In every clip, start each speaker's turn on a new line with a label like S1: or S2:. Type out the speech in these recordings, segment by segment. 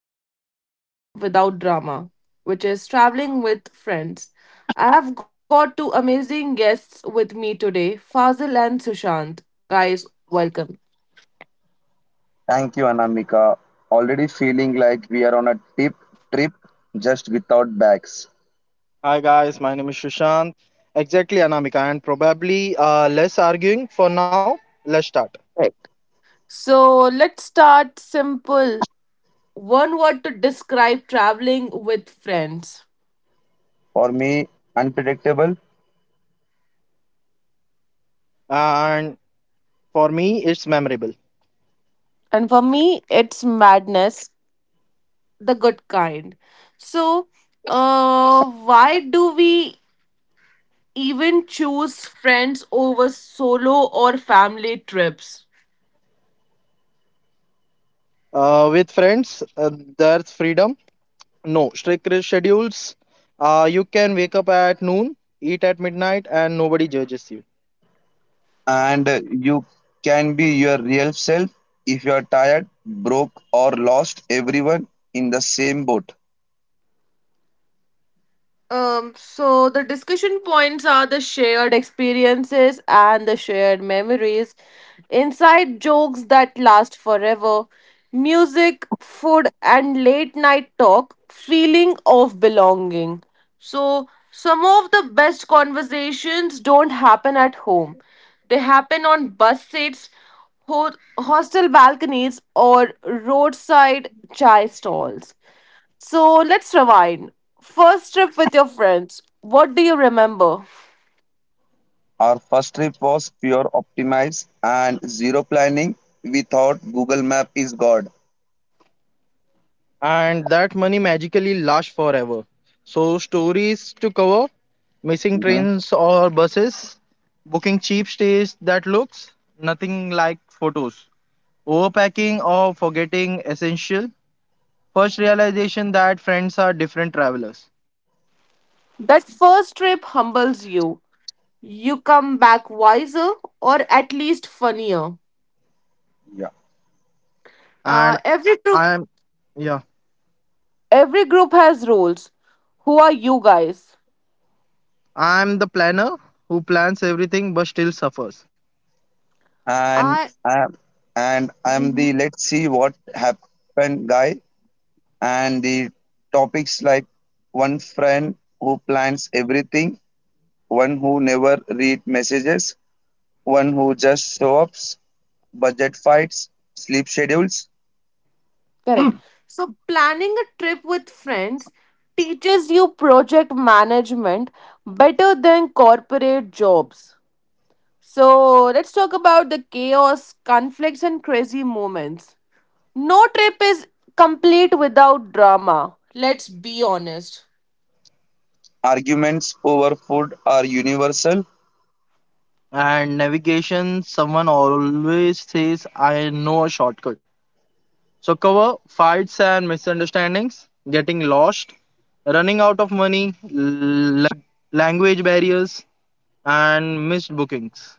S1: few survive without drama, which is traveling with friends. I have got two amazing guests with me today, Fazil and Sushant. Guys, welcome.
S2: Thank you, Anamika. Already feeling like we are on a tip trip just without bags.
S3: Hi guys, my name is Shushant. Exactly, Anamika, and probably less arguing for now. Let's start.
S1: Right. So, let's start simple. One word to describe traveling with friends.
S2: For me, unpredictable.
S3: And for me, it's memorable.
S1: And for me, it's madness the good kind. So, why do we even choose friends over solo or family trips?
S3: With friends, there's freedom. No strict schedules. You can wake up at noon, eat at midnight, and nobody judges you.
S2: And you can be your real self if you are tired, broke, or lost. Everyone in the same boat.
S1: So the discussion points are the shared experiences and the shared memories, inside jokes that last forever, music, food, and late night talk, feeling of belonging. So, some of the best conversations don't happen at home, they happen on bus seats, ho- hostel balconies, or roadside chai stalls. So let's rewind. First trip with your friends. What do you remember?
S2: Our first trip was pure optimize and zero planning. We thought Google Map is God.
S3: And that money magically lasts forever. So stories to cover, missing
S2: Mhm.
S3: trains or buses, booking cheap stays that looks nothing like photos. Overpacking or forgetting essential. First realization that friends are different travelers.
S1: That first trip humbles you. You come back wiser or at least funnier.
S2: Yeah.
S1: Uh,
S3: And
S1: every group
S3: I'm Yeah.
S1: every group has rules. Who are you guys?
S3: I'm the planner who plans everything but still suffers.
S2: And
S1: I
S2: I, and I'm the let's see what happened guy. And the topics like one friend who plans everything, one who never read messages, one who just show ups, budget fights, sleep schedules,
S1: correct. So planning a trip with friends teaches you project management better than corporate jobs. So let's talk about the chaos, conflicts and crazy moments. No trip is complete without drama. Let's be honest.
S2: arguments over food are universal.
S3: And navigation, someone always says I know a shortcut. So cover fights and misunderstandings, getting lost, running out of money, language barriers, and missed bookings.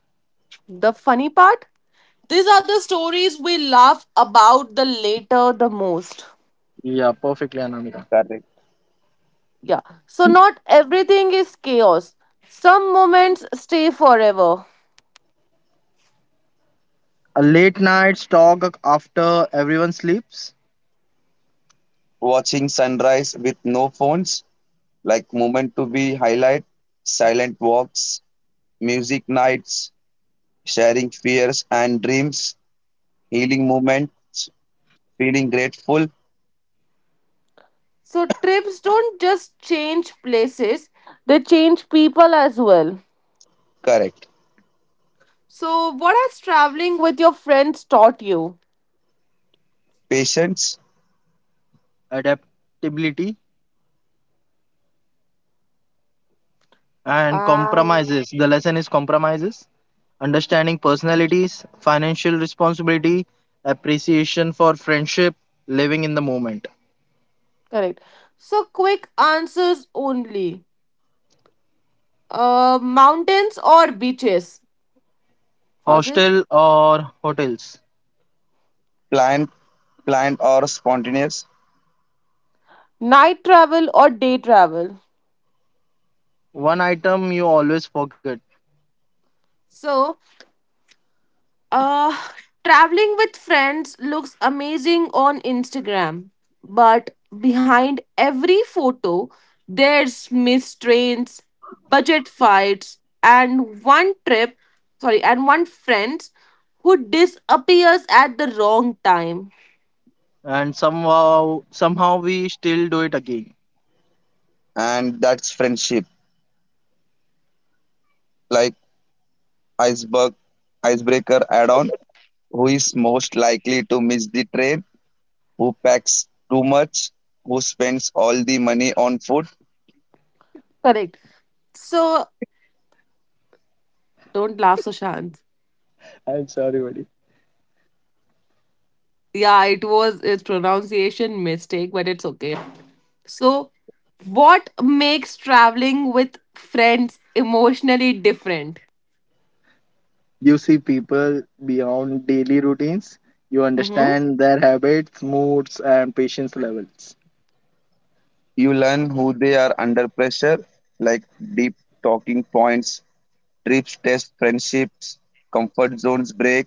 S1: The funny part? These are the stories we laugh about the later the most.
S3: Yeah, perfectly, Anamika.
S2: Correct.
S1: Yeah. So not everything is chaos. Some moments stay forever.
S3: A late night talk after everyone sleeps,
S2: Watching sunrise with no phones, like moment to be highlight, silent walks, music nights, sharing fears and dreams, healing moments, feeling grateful,
S1: So trips don't just change places, they change people as well.
S2: correct.
S1: So what has traveling with your friends taught you?
S2: Patience,
S3: adaptability and
S1: Um
S3: compromises. The lesson is compromises, understanding personalities, financial responsibility, appreciation for friendship, living in the moment.
S1: correct. So quick answers only. Mountains or beaches? Fazil?
S3: Hostel or hotels.
S2: plan planned or spontaneous,
S1: Night travel or day travel?
S3: One item you always forget,
S1: So, uh, traveling with friends looks amazing on Instagram, but behind every photo, there's missed trains, budget fights, and one trip, sorry, and one friend who disappears at the wrong time.
S3: and somehow we still do it again.
S2: and that's friendship. Like iceberg, icebreaker add-on. Who is most likely to miss the train? Who packs too much? Who spends all the money on food?
S1: Correct. So, don't laugh, Sushant.
S3: I'm sorry, buddy.
S1: Yeah, it was its pronunciation mistake, but it's okay. So, what makes traveling with friends emotionally different?
S3: You see people beyond daily routines, you
S1: Mhm.
S3: understand their habits, moods, and patience levels.
S2: You learn who they are under pressure, like deep talking points, trips test friendships, comfort zones break,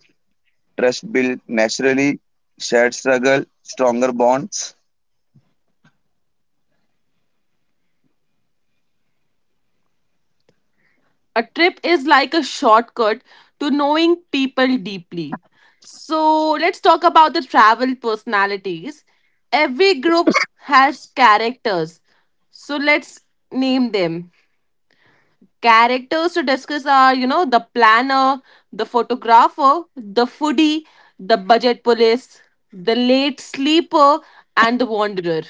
S2: trust build naturally, shared struggle, stronger bonds.
S1: A trip is like a shortcut to knowing people deeply. So, let's talk about the travel personalities. Every group has characters. So, let's name them. Characters to discuss are, you know, the planner, the photographer, the foodie, the budget police, the late sleeper, and the wanderer.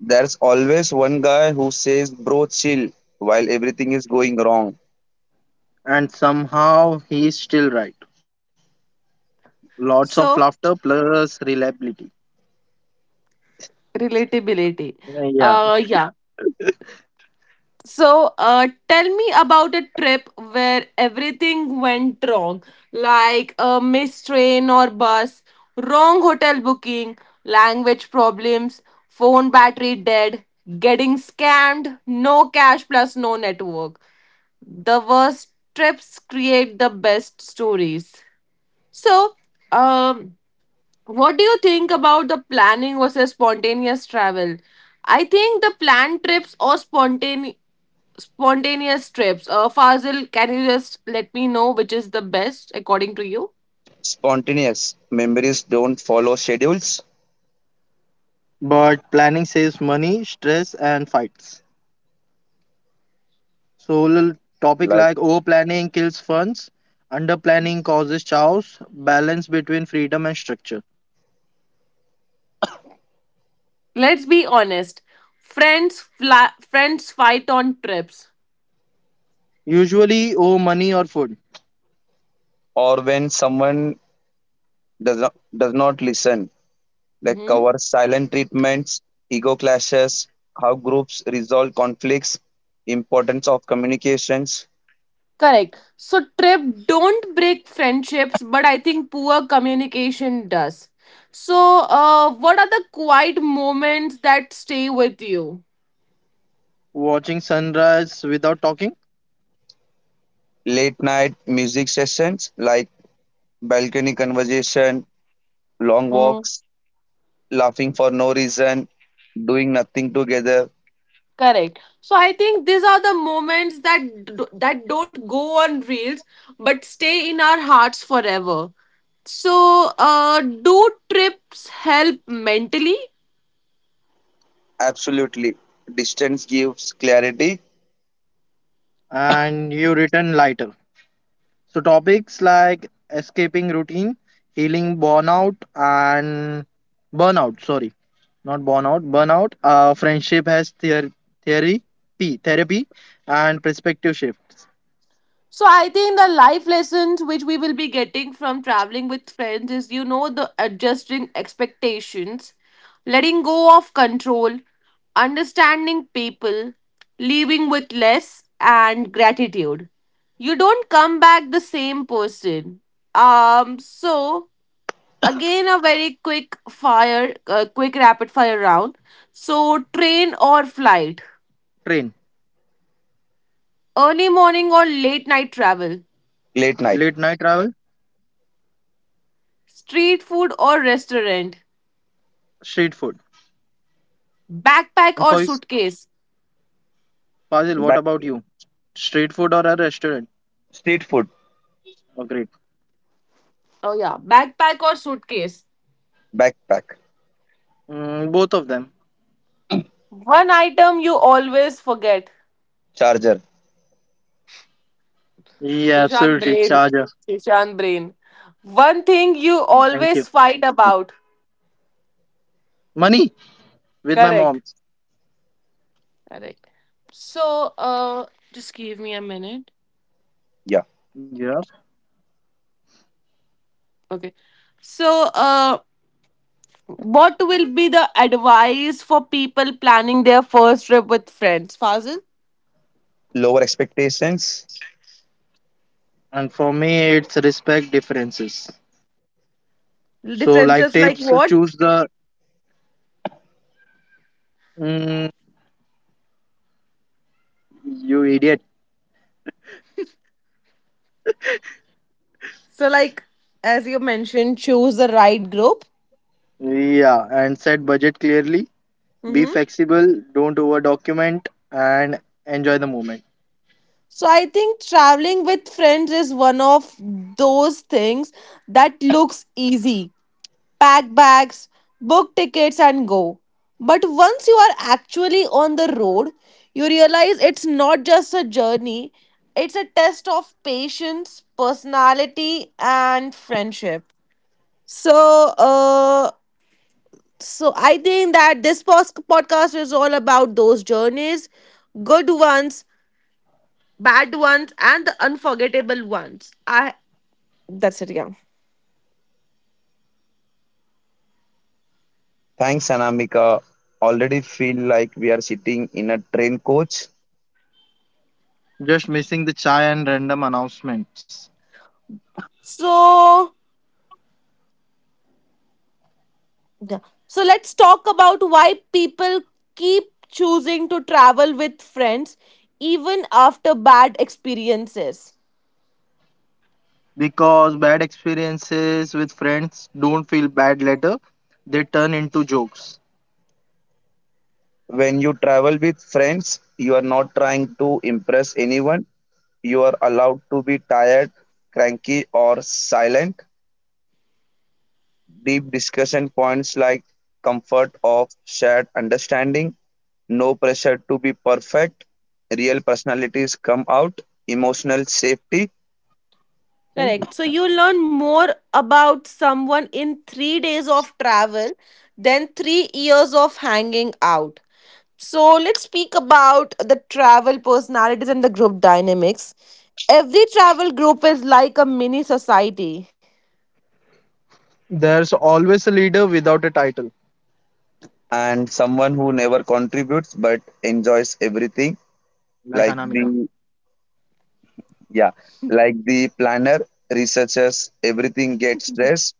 S2: There's always one guy who says, "Bro, chill," while everything is going wrong.
S3: And somehow he's still right. Lots of
S1: So,
S3: laughter plus reliability.
S1: relatability.
S3: Yeah.
S1: Yeah. So, tell me about a trip where everything went wrong, like a missed train or bus, wrong hotel booking, language problems, phone battery dead, getting scammed, no cash plus no network. The worst trips create the best stories. So, um, what do you think about the planning versus spontaneous travel? I think the planned trips or spontaneous trips. Fazil, can you just let me know which is the best according to you?
S2: Spontaneous memories don't follow schedules,
S3: But planning saves money, stress, and fights. So, little topic
S2: like,
S3: like over planning kills funds, under planning causes chaos, balance between freedom and structure.
S1: Let's be honest. Friends, friends fight on trips.
S3: Usually, over money or food,
S2: or when someone does not listen, like,
S1: Hmm.
S2: cover silent treatments, ego clashes, how groups resolve conflicts, importance of communications,
S1: Correct. So trip don't break friendships, but I think poor communication does. So, what are the quiet moments that stay with you?
S3: watching sunrise without talking,
S2: late night music sessions, like balcony conversation, long
S1: hmm
S2: walks, laughing for no reason, doing nothing together.
S1: Correct. So I think these are the moments that that don't go on reels, but stay in our hearts forever. So, do trips help mentally?
S2: Absolutely. Distance gives clarity.
S3: and you return lighter. So topics like escaping routine, healing burnout and burnout, sorry, not burnout, burnout, friendship has theory, P, therapy and perspective shifts,
S1: So I think the life lessons which we will be getting from traveling with friends is, you know, the adjusting expectations, letting go of control, understanding people, leaving with less and gratitude. You don't come back the same person. So again a very quick fire quick rapid fire round. So train or flight,
S3: train,
S1: early morning or late night travel.
S2: Late night.
S3: late night travel,
S1: Street food or restaurant?
S3: street food.
S1: Backpack
S3: And
S1: or
S3: for is-
S1: suitcase?
S3: Fazil, what about
S2: Backpack.
S3: you? Street food or a restaurant?
S2: Street food.
S3: Oh, great.
S1: Oh, yeah. Backpack or suitcase?
S2: Backpack.
S3: Mm, both of them.
S1: One item you always forget.
S2: Charger.
S3: Yeah,
S1: Sushant
S3: absolutely.
S1: brain.
S3: Charger.
S1: Sushant brain. One thing you
S3: Thank you.
S1: always fight about.
S3: Money with my mom.
S1: Correct. Correct. So, just give me a minute.
S2: Yeah.
S3: Yeah.
S1: Okay. So, what will be the advice for people planning their first trip with friends? Fazil?
S2: Lower expectations.
S3: And for me, it's respect differences. So, like tips,
S1: Differences like
S3: choose
S1: what?
S3: the mm, you idiot.
S1: So, like, as you mentioned, choose the right group.
S3: Yeah, and set budget clearly. Be
S1: hmm
S3: flexible. Don't over document and enjoy the moment.
S1: So, I think traveling with friends is one of those things that looks easy. Pack bags, book tickets, and go. But once you are actually on the road, you realize it's not just a journey, it's a test of patience, personality, and friendship. So, so I think that this podcast is all about those journeys, good ones, bad ones, and the unforgettable ones. I that's it, yeah.
S2: Thanks, Anamika. Already feel like we are sitting in a train coach.
S3: Just missing the chai and random announcements
S1: So yeah. So let's talk about why people keep choosing to travel with friends even after bad experiences.
S3: because bad experiences with friends don't feel bad later. They turn into jokes.
S2: When you travel with friends, you are not trying to impress anyone. You are allowed to be tired, cranky, or silent. Deep discussion points like comfort of shared understanding, no pressure to be perfect, real personalities come out, emotional safety,
S1: Correct. So you learn more about someone in 3 days of travel than 3 years of hanging out. So let's speak about the travel personalities and the group dynamics. Every travel group is like a mini society.
S3: There's always a leader without a title,
S2: and someone who never contributes but enjoys everything,
S3: like
S2: like
S3: Anamika.
S2: the yeah, like the planner, researchers, everything gets dressed.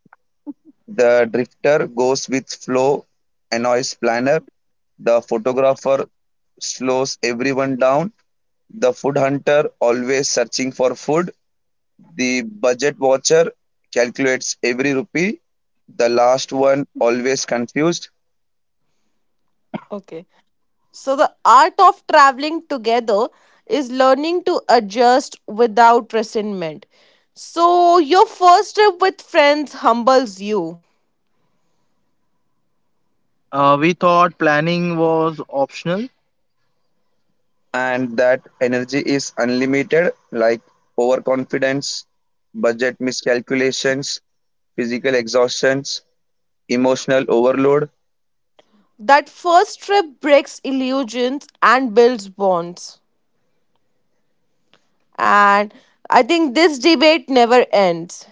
S2: The drifter goes with flow, annoys planner. The photographer slows everyone down. The food hunter always searching for food. The budget watcher calculates every rupee, the last one always confused,
S1: Okay. So the art of traveling together is learning to adjust without resentment. So your first trip with friends humbles you.
S3: We thought planning was optional.
S2: and that energy is unlimited, like overconfidence, budget miscalculations, physical exhaustions, emotional overload,
S1: That first trip breaks illusions and builds bonds. And I think this debate never ends.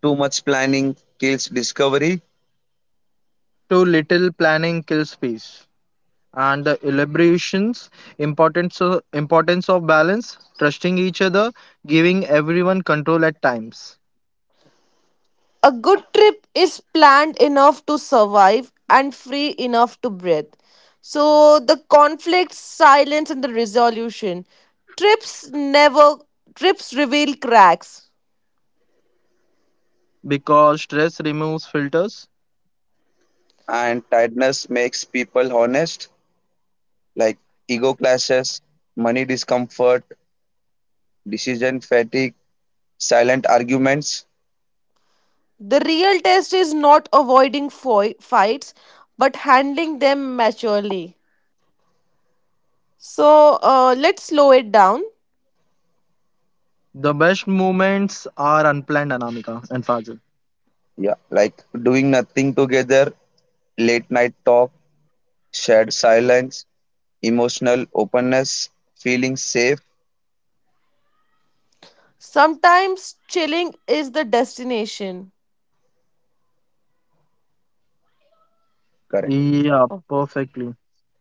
S2: too much planning kills discovery,
S3: Too little planning kills peace. And the elaborations, importance of balance, trusting each other, giving everyone control at times,
S1: A good trip is planned enough to survive and free enough to breathe. So the conflict, silence, and the resolution. Trips never trips reveal cracks.
S3: because stress removes filters.
S2: and tiredness makes people honest, like ego clashes, money discomfort, decision fatigue, silent arguments.
S1: The real test is not avoiding fights, but handling them maturely. So, let's slow it down.
S3: The best moments are unplanned, Anamika and Fazil.
S2: Yeah, like doing nothing together, late night talk, shared silence, emotional openness, feeling safe,
S1: Sometimes chilling is the destination.
S2: correct,
S3: Yeah,
S1: Oh,
S3: perfectly.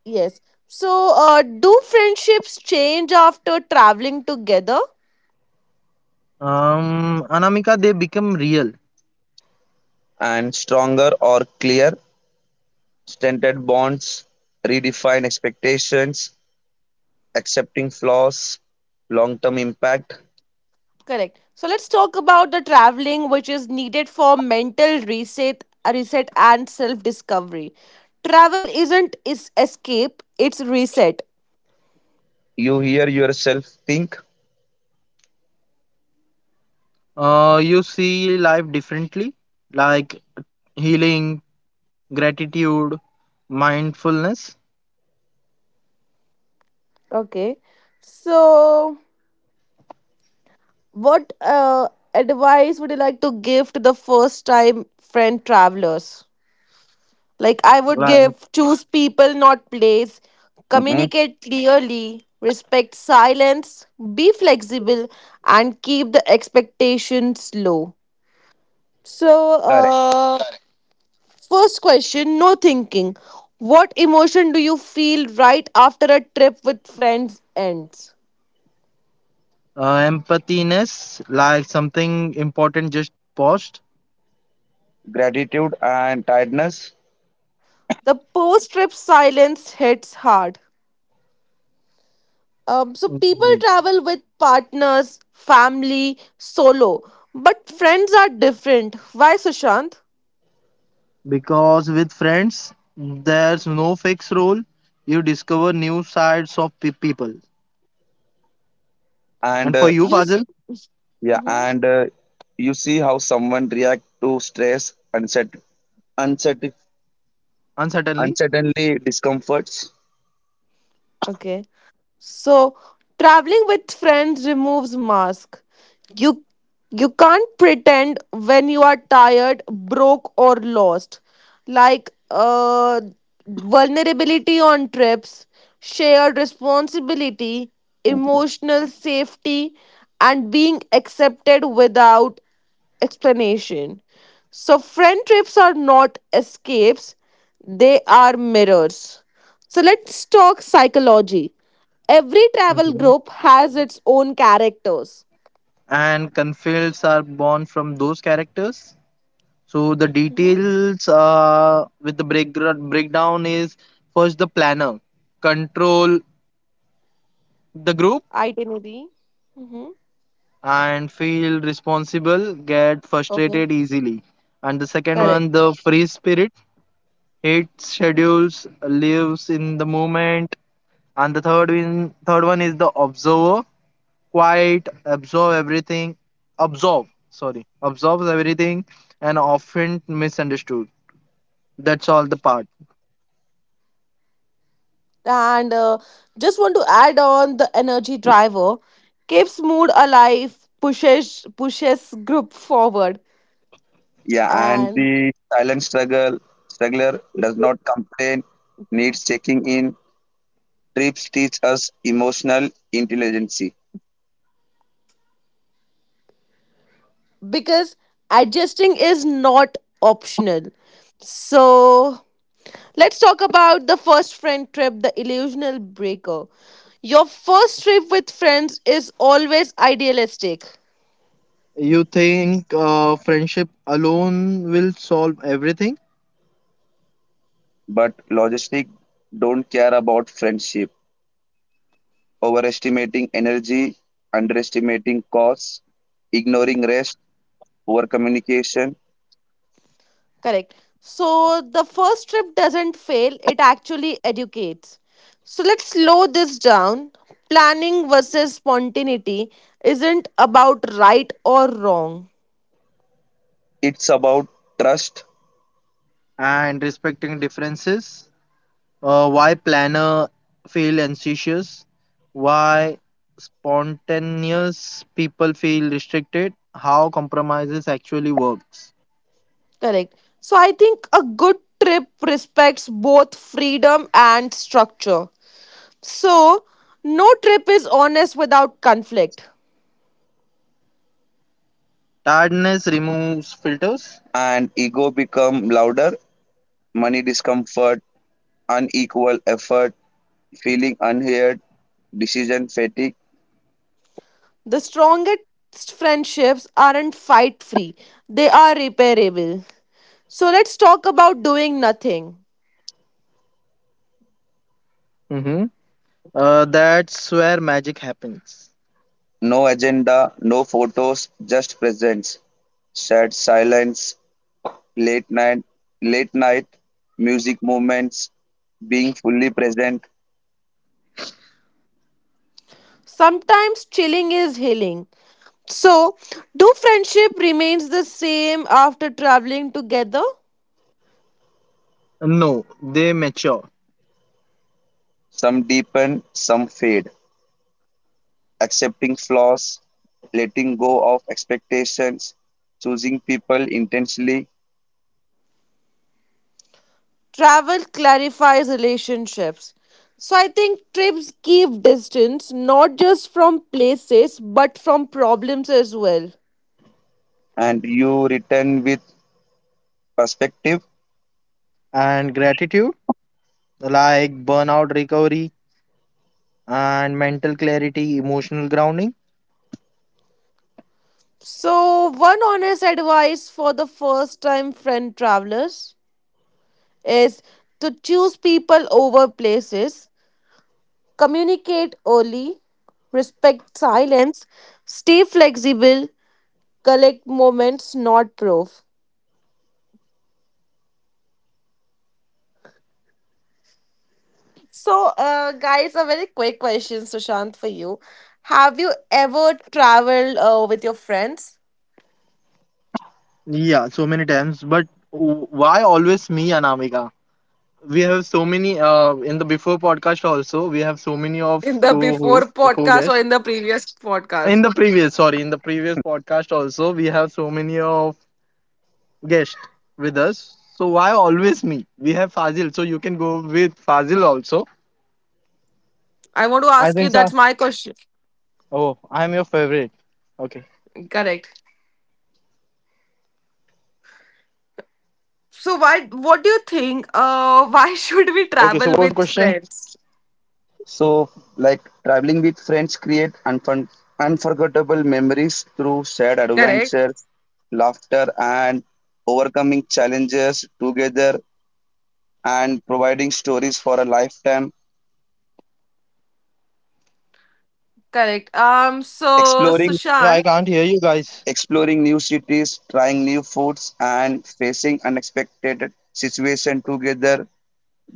S1: yes. So, do friendships change after traveling together?
S3: Anamika, they become real.
S2: and stronger or clear, stunted bonds, redefined expectations, accepting flaws, long term impact.
S1: Correct. So let's talk about the traveling, which is needed for mental reset, reset and self-discovery. Travel isn't is escape; it's reset.
S2: You hear yourself think,
S3: You see life differently, like healing, gratitude, mindfulness,
S1: Okay. So, what advice would you like to give to the first-time friend travelers? Like I would
S3: like
S1: give choose people, not place.
S2: hmm,
S1: Communicate clearly, respect silence, be flexible, and keep the expectations low. So,
S2: correct,
S1: first question no thinking. What emotion do you feel right after a trip with friends ends?
S3: empathiness, like something important just paused.
S2: gratitude and tiredness,
S1: The post trip silence hits hard. So people
S3: Mhm.
S1: travel with partners, family, solo, but friends are different. Why, Sushant?
S3: Because with friends, there's no fixed rule. You discover new sides of people.
S2: and
S3: And for you,
S1: Use.
S3: Fazil,
S2: yeah,
S1: Mhm.
S2: and you see how someone react to stress, unset, and
S3: uncertainly.
S2: certainly discomforts.
S1: Okay. So traveling with friends removes mask. You you can't pretend when you are tired, broke or lost. Like vulnerability on trips, shared responsibility,
S2: Hmm.
S1: emotional safety and being accepted without explanation. So, friend trips are not escapes, they are mirrors. So, let's talk psychology. Every travel
S3: Mhm.
S1: group has its own characters.
S3: And conflicts are born from those characters. So the
S1: Mm-hmm.
S3: details with the breakdown is, first the planner, control the group,
S1: Itinerary. Mm-hmm.
S3: and feel responsible, get
S1: Okay.
S3: frustrated easily. And the second
S2: Yeah.
S1: Correct.
S3: one, the free spirit hates schedules, lives in the moment, and the third one is the observer, quiet, absorb, sorry, absorbs everything, and often misunderstood. That's all the part.
S1: And just want to add on the energy driver keeps mood alive, pushes group forward,
S2: Yeah, and
S1: and
S2: the silent struggle struggler does not complain, needs checking in. Trips teach us emotional intelligence,
S1: because adjusting is not optional. So let's talk about the first friend trip, the illusional breaker. Your first trip with friends is always idealistic.
S3: You think friendship alone will solve everything,
S2: but logistic don't care about friendship. Overestimating energy, underestimating costs, ignoring rest, poor communication.
S1: Correct. So the first trip doesn't fail, it actually educates. So let's slow this down. Planning versus spontaneity isn't about right or wrong.
S2: It's about trust
S3: and respecting differences. Why planner feel anxious? Why spontaneous people feel restricted? How compromises actually works?
S1: Correct. So I think a good trip respects both freedom and structure. So no trip is honest without conflict.
S3: Tiredness removes filters.
S2: and ego become louder, money discomfort, unequal effort feeling unheard, decision fatigue,
S1: The strongest friendships aren't fight free, they are repairable. So let's talk about doing nothing.
S3: hmm that's where magic happens.
S2: no agenda, no photos, just presence, sad silence, late night, late night, music moments, being fully present,
S1: Sometimes chilling is healing. So, do friendship remains the same after traveling together?
S3: No, they mature.
S2: some deepen, some fade, accepting flaws, letting go of expectations, choosing people intensely,
S1: Travel clarifies relationships. So I think trips keep distance not just from places but from problems as well.
S2: and you return with perspective.
S3: And gratitude, like burnout recovery and mental clarity, emotional grounding.
S1: So one honest advice for the first time friend travelers is to choose people over places. Communicate early, respect silence, stay flexible, collect moments, not proof. So, guys, a very quick question, Sushant, for you. Have you ever traveled with your friends?
S3: Yeah, so many times. But why always me, Anamika? We have so many, in the before podcast also we have so many of
S1: In the before
S3: co-host,
S1: podcast or
S3: co-guests.
S1: in the previous
S3: In
S1: podcast
S3: the previous, sorry, in the previous podcast also we have so many of guests with us. So why always me? We have Fazil, so you can go with Fazil also.
S1: I want to
S3: I
S1: ask you,
S3: think so.
S1: that's my question.
S3: Oh, I'm your favorite. Okay.
S1: Correct.
S3: Okay, so what was the
S1: So
S3: question?
S1: why, what do you think, why should we travel with friends?
S2: So, like traveling with friends create unforgettable memories through shared
S1: Correct.
S2: adventures, laughter, and overcoming challenges together, and providing stories for a lifetime.
S1: Correct. um
S3: Yeah, I can't hear
S1: so
S3: you
S2: Exploring new
S3: guys.
S1: sushant
S2: city, Exploring new cities, trying new foods, and facing unexpected situation together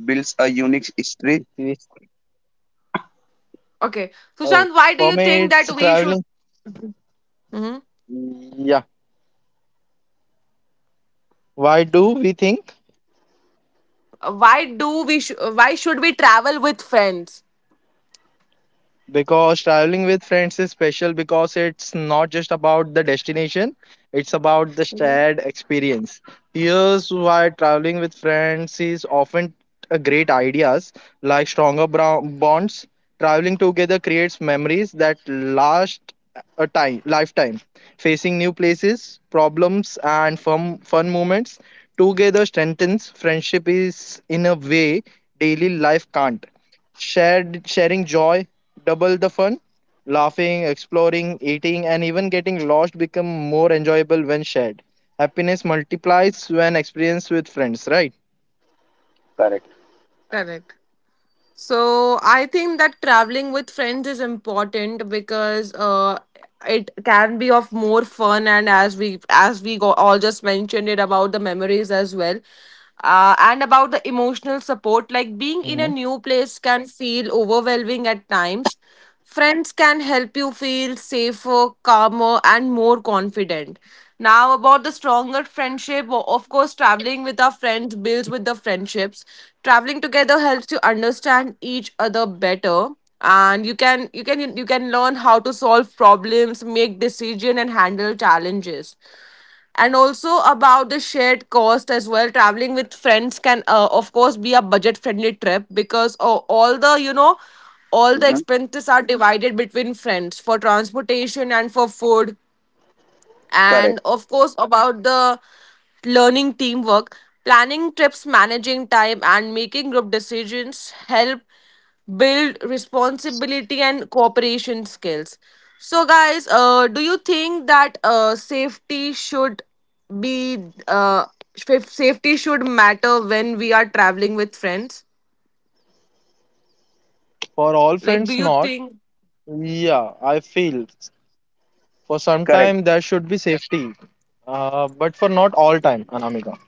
S2: builds a unique history.
S3: Situation.
S1: Okay,
S3: Oh,
S1: Sushant, why do
S3: for
S1: you
S3: me
S1: think
S3: it's
S1: that we should?
S3: traveling.
S1: Mhm.
S3: Yeah, why do we think?
S1: Why do we? Why should we travel with friends?
S3: Because traveling with friends is special, because it's not just about the destination, it's about the shared experience. Here's why traveling with friends is often a great ideas, like stronger bonds. Traveling together creates memories that last a time lifetime, facing new places, problems and fun moments together strengthens friendship is in a way daily life can't. Shared, sharing joy, double the fun. Laughing, exploring, eating, and even getting lost become more enjoyable when shared. Happiness multiplies when experienced with friends, right?
S2: Correct.
S1: Correct. So I think that traveling with friends is important because, it can be of more fun, and as we go, all just mentioned it about the memories as well.
S3: Mhm.
S1: And about the emotional support, like being in a new place can feel overwhelming at times. Friends can help you feel safer, calmer, and more confident. Now, about the stronger friendship, of course, traveling with our friends builds with the friendships. Traveling together helps you understand each other better, and you can learn how to solve problems, make decision and handle challenges. And also about the shared cost as well, traveling with friends can, of course be a budget friendly trip because, all the, you know, all the
S2: Mhm.
S1: expenses are divided between friends for transportation and for food,
S2: Correct,
S1: and of course about the learning teamwork, planning trips, managing time and making group decisions help build responsibility and cooperation skills. So guys, do you think that, safety should be, uh, if safety should matter when we are traveling with friends?
S3: For all
S1: Like do
S3: friends,
S1: you
S3: not.
S1: think,
S3: Yeah, I feel for some
S2: correct.
S3: time there should be safety, but for not all time, Anamika.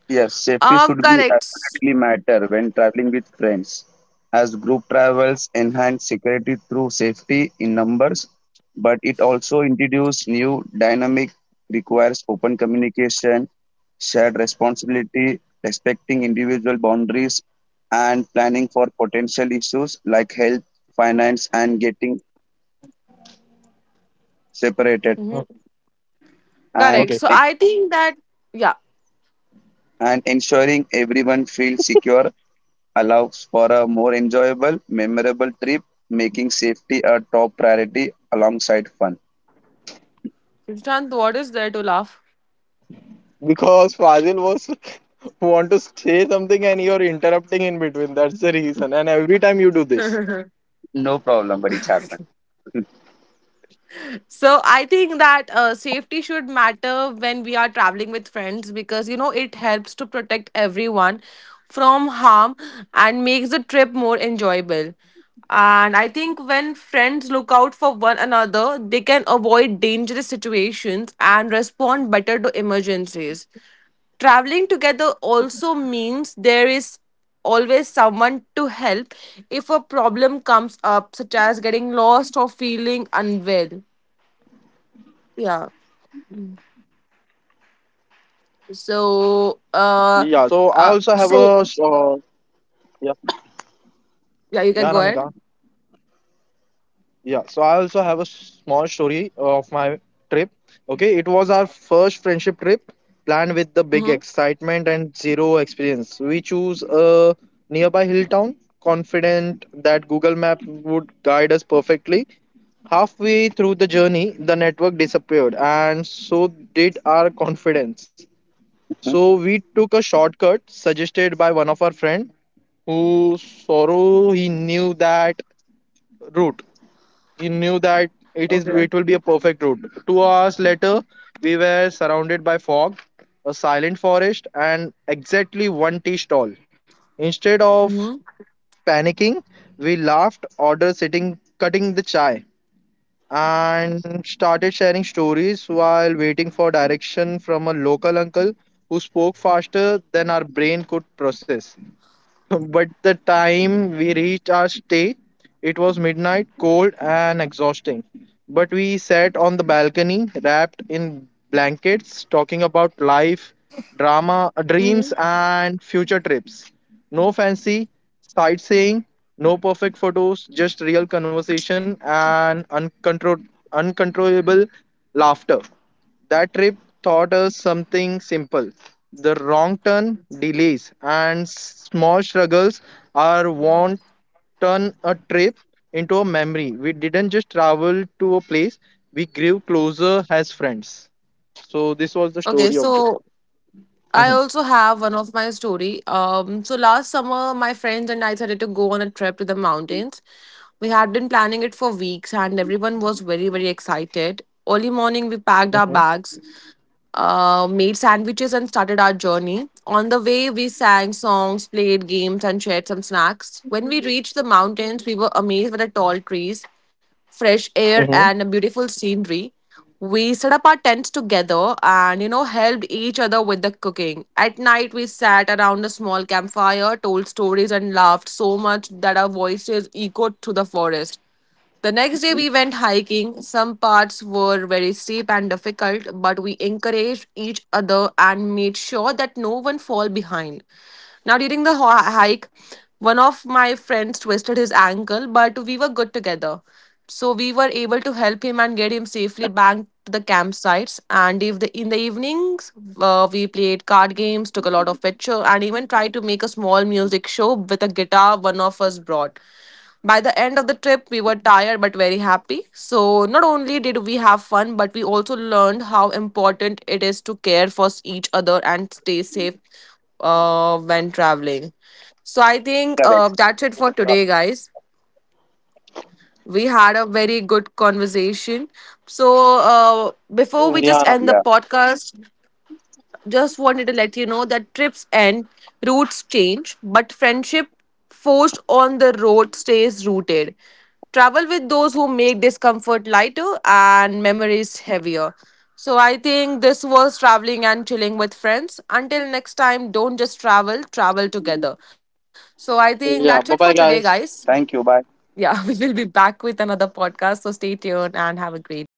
S2: Yes, safety should be
S1: correct.
S2: absolutely matter when traveling with friends, as group travels enhance security through safety in numbers, but it also introduces new dynamic requires open communication, shared responsibility, respecting individual boundaries, and planning for potential issues like health, finance, and getting separated,
S3: Oh,
S1: Mhm.
S2: and
S1: Correct.
S3: okay,
S1: So I think that, yeah.
S2: and ensuring everyone feels secure allows for a more enjoyable, memorable trip, making safety a top priority alongside fun.
S1: Prashant, what is there to laugh?
S3: because Fazil was want to say something and you're interrupting in between. That's the reason. And every time you do this.
S2: No problem, but it's happened.
S1: So I think that safety should matter when we are traveling with friends because, you know, it helps to protect everyone from harm and makes the trip more enjoyable. And I think when friends look out for one another, they can avoid dangerous situations and respond better to emergencies. Traveling together also means there is always someone to help if a problem comes up, such as getting lost or feeling unwell. Yeah.
S3: Yeah, so I also
S1: So,
S3: have a
S1: uh, uh, so
S3: yeah, yeah, Namika.
S1: yeah, you can go ahead.
S3: Yeah, so I also have a small story of my trip. Okay, it was our first friendship trip planned with the big
S1: Mm-hmm.
S3: excitement and zero experience. We choose a nearby hill town, confident that Google Map would guide us perfectly. Halfway through the journey, the network disappeared, and so did our confidence.
S2: Mhm.
S3: So we took a shortcut suggested by one of our friend who sorrow he knew that route. He knew
S2: Okay.
S3: that it is
S1: Okay.
S3: it will be a perfect route. 2 hours later, we were surrounded by fog, a silent forest, and exactly one tea stall. Instead of
S1: Mm-hmm.
S3: panicking, we laughed, ordered sitting cutting the chai and started sharing stories while waiting for direction from a local uncle who spoke faster than our brain could process. But the time we reached our stay, it was midnight, cold and exhausting. But we sat on the balcony, wrapped in blankets, talking about life, drama, dreams,
S1: Mm-hmm.
S3: and future trips. No fancy sightseeing, no perfect photos, just real conversation and uncontrollable laughter. That trip taught us something simple. The wrong turn, delays, and small struggles are what turn a trip into a memory. We didn't just travel to a place, we grew closer as friends. So, this was the
S1: Okay.
S3: story of this.
S1: So I
S3: Mhm,
S1: also have one of my story. So last summer, my friends and I decided to go on a trip to the mountains. We had been planning it for weeks, and everyone was very, very excited. Early morning, we
S3: mhm,
S1: packed our bags, made sandwiches and started our journey. On the way, we sang songs, played games, and shared some snacks. When we reached the mountains, we were amazed by the tall trees, fresh
S3: mhm.
S1: air, and a beautiful scenery. We set up our tents together and, you know, helped each other with the cooking. At night, we sat around a small campfire, told stories, and laughed so much that our voices echoed through the forest. The next day we went hiking. Some parts were very steep and difficult, but we encouraged each other and made sure that no one fall behind. Now during the hike, one of my friends twisted his ankle, but we were good together. So we were able to help him and get him safely back to the campsites. And if the, in the evenings, we played card games, took a lot of picture, and even tried to make a small music show with a guitar one of us brought. By the end of the trip, we were tired but very happy. So, not only did we have fun, but we also learned how important it is to care for each other and stay safe
S2: Correct.
S1: when traveling. So, I think that's it for today, guys. We had a very good conversation.
S2: Yeah.
S1: So, before we just end the podcast, just wanted to let you know that trips end, routes change, but friendship forged on the road stays rooted. Travel with those who make discomfort lighter and memories heavier. So I think this was traveling and chilling with friends. Until next time, don't just travel, travel together.
S2: Thank
S1: So
S2: you.
S1: I
S2: Bye.
S1: think that's it for
S3: Yeah, bye
S1: today,
S3: bye,
S1: guys.
S3: guys.
S1: Yeah, we will be back with another podcast.
S2: Same.
S1: So stay tuned and have a great day.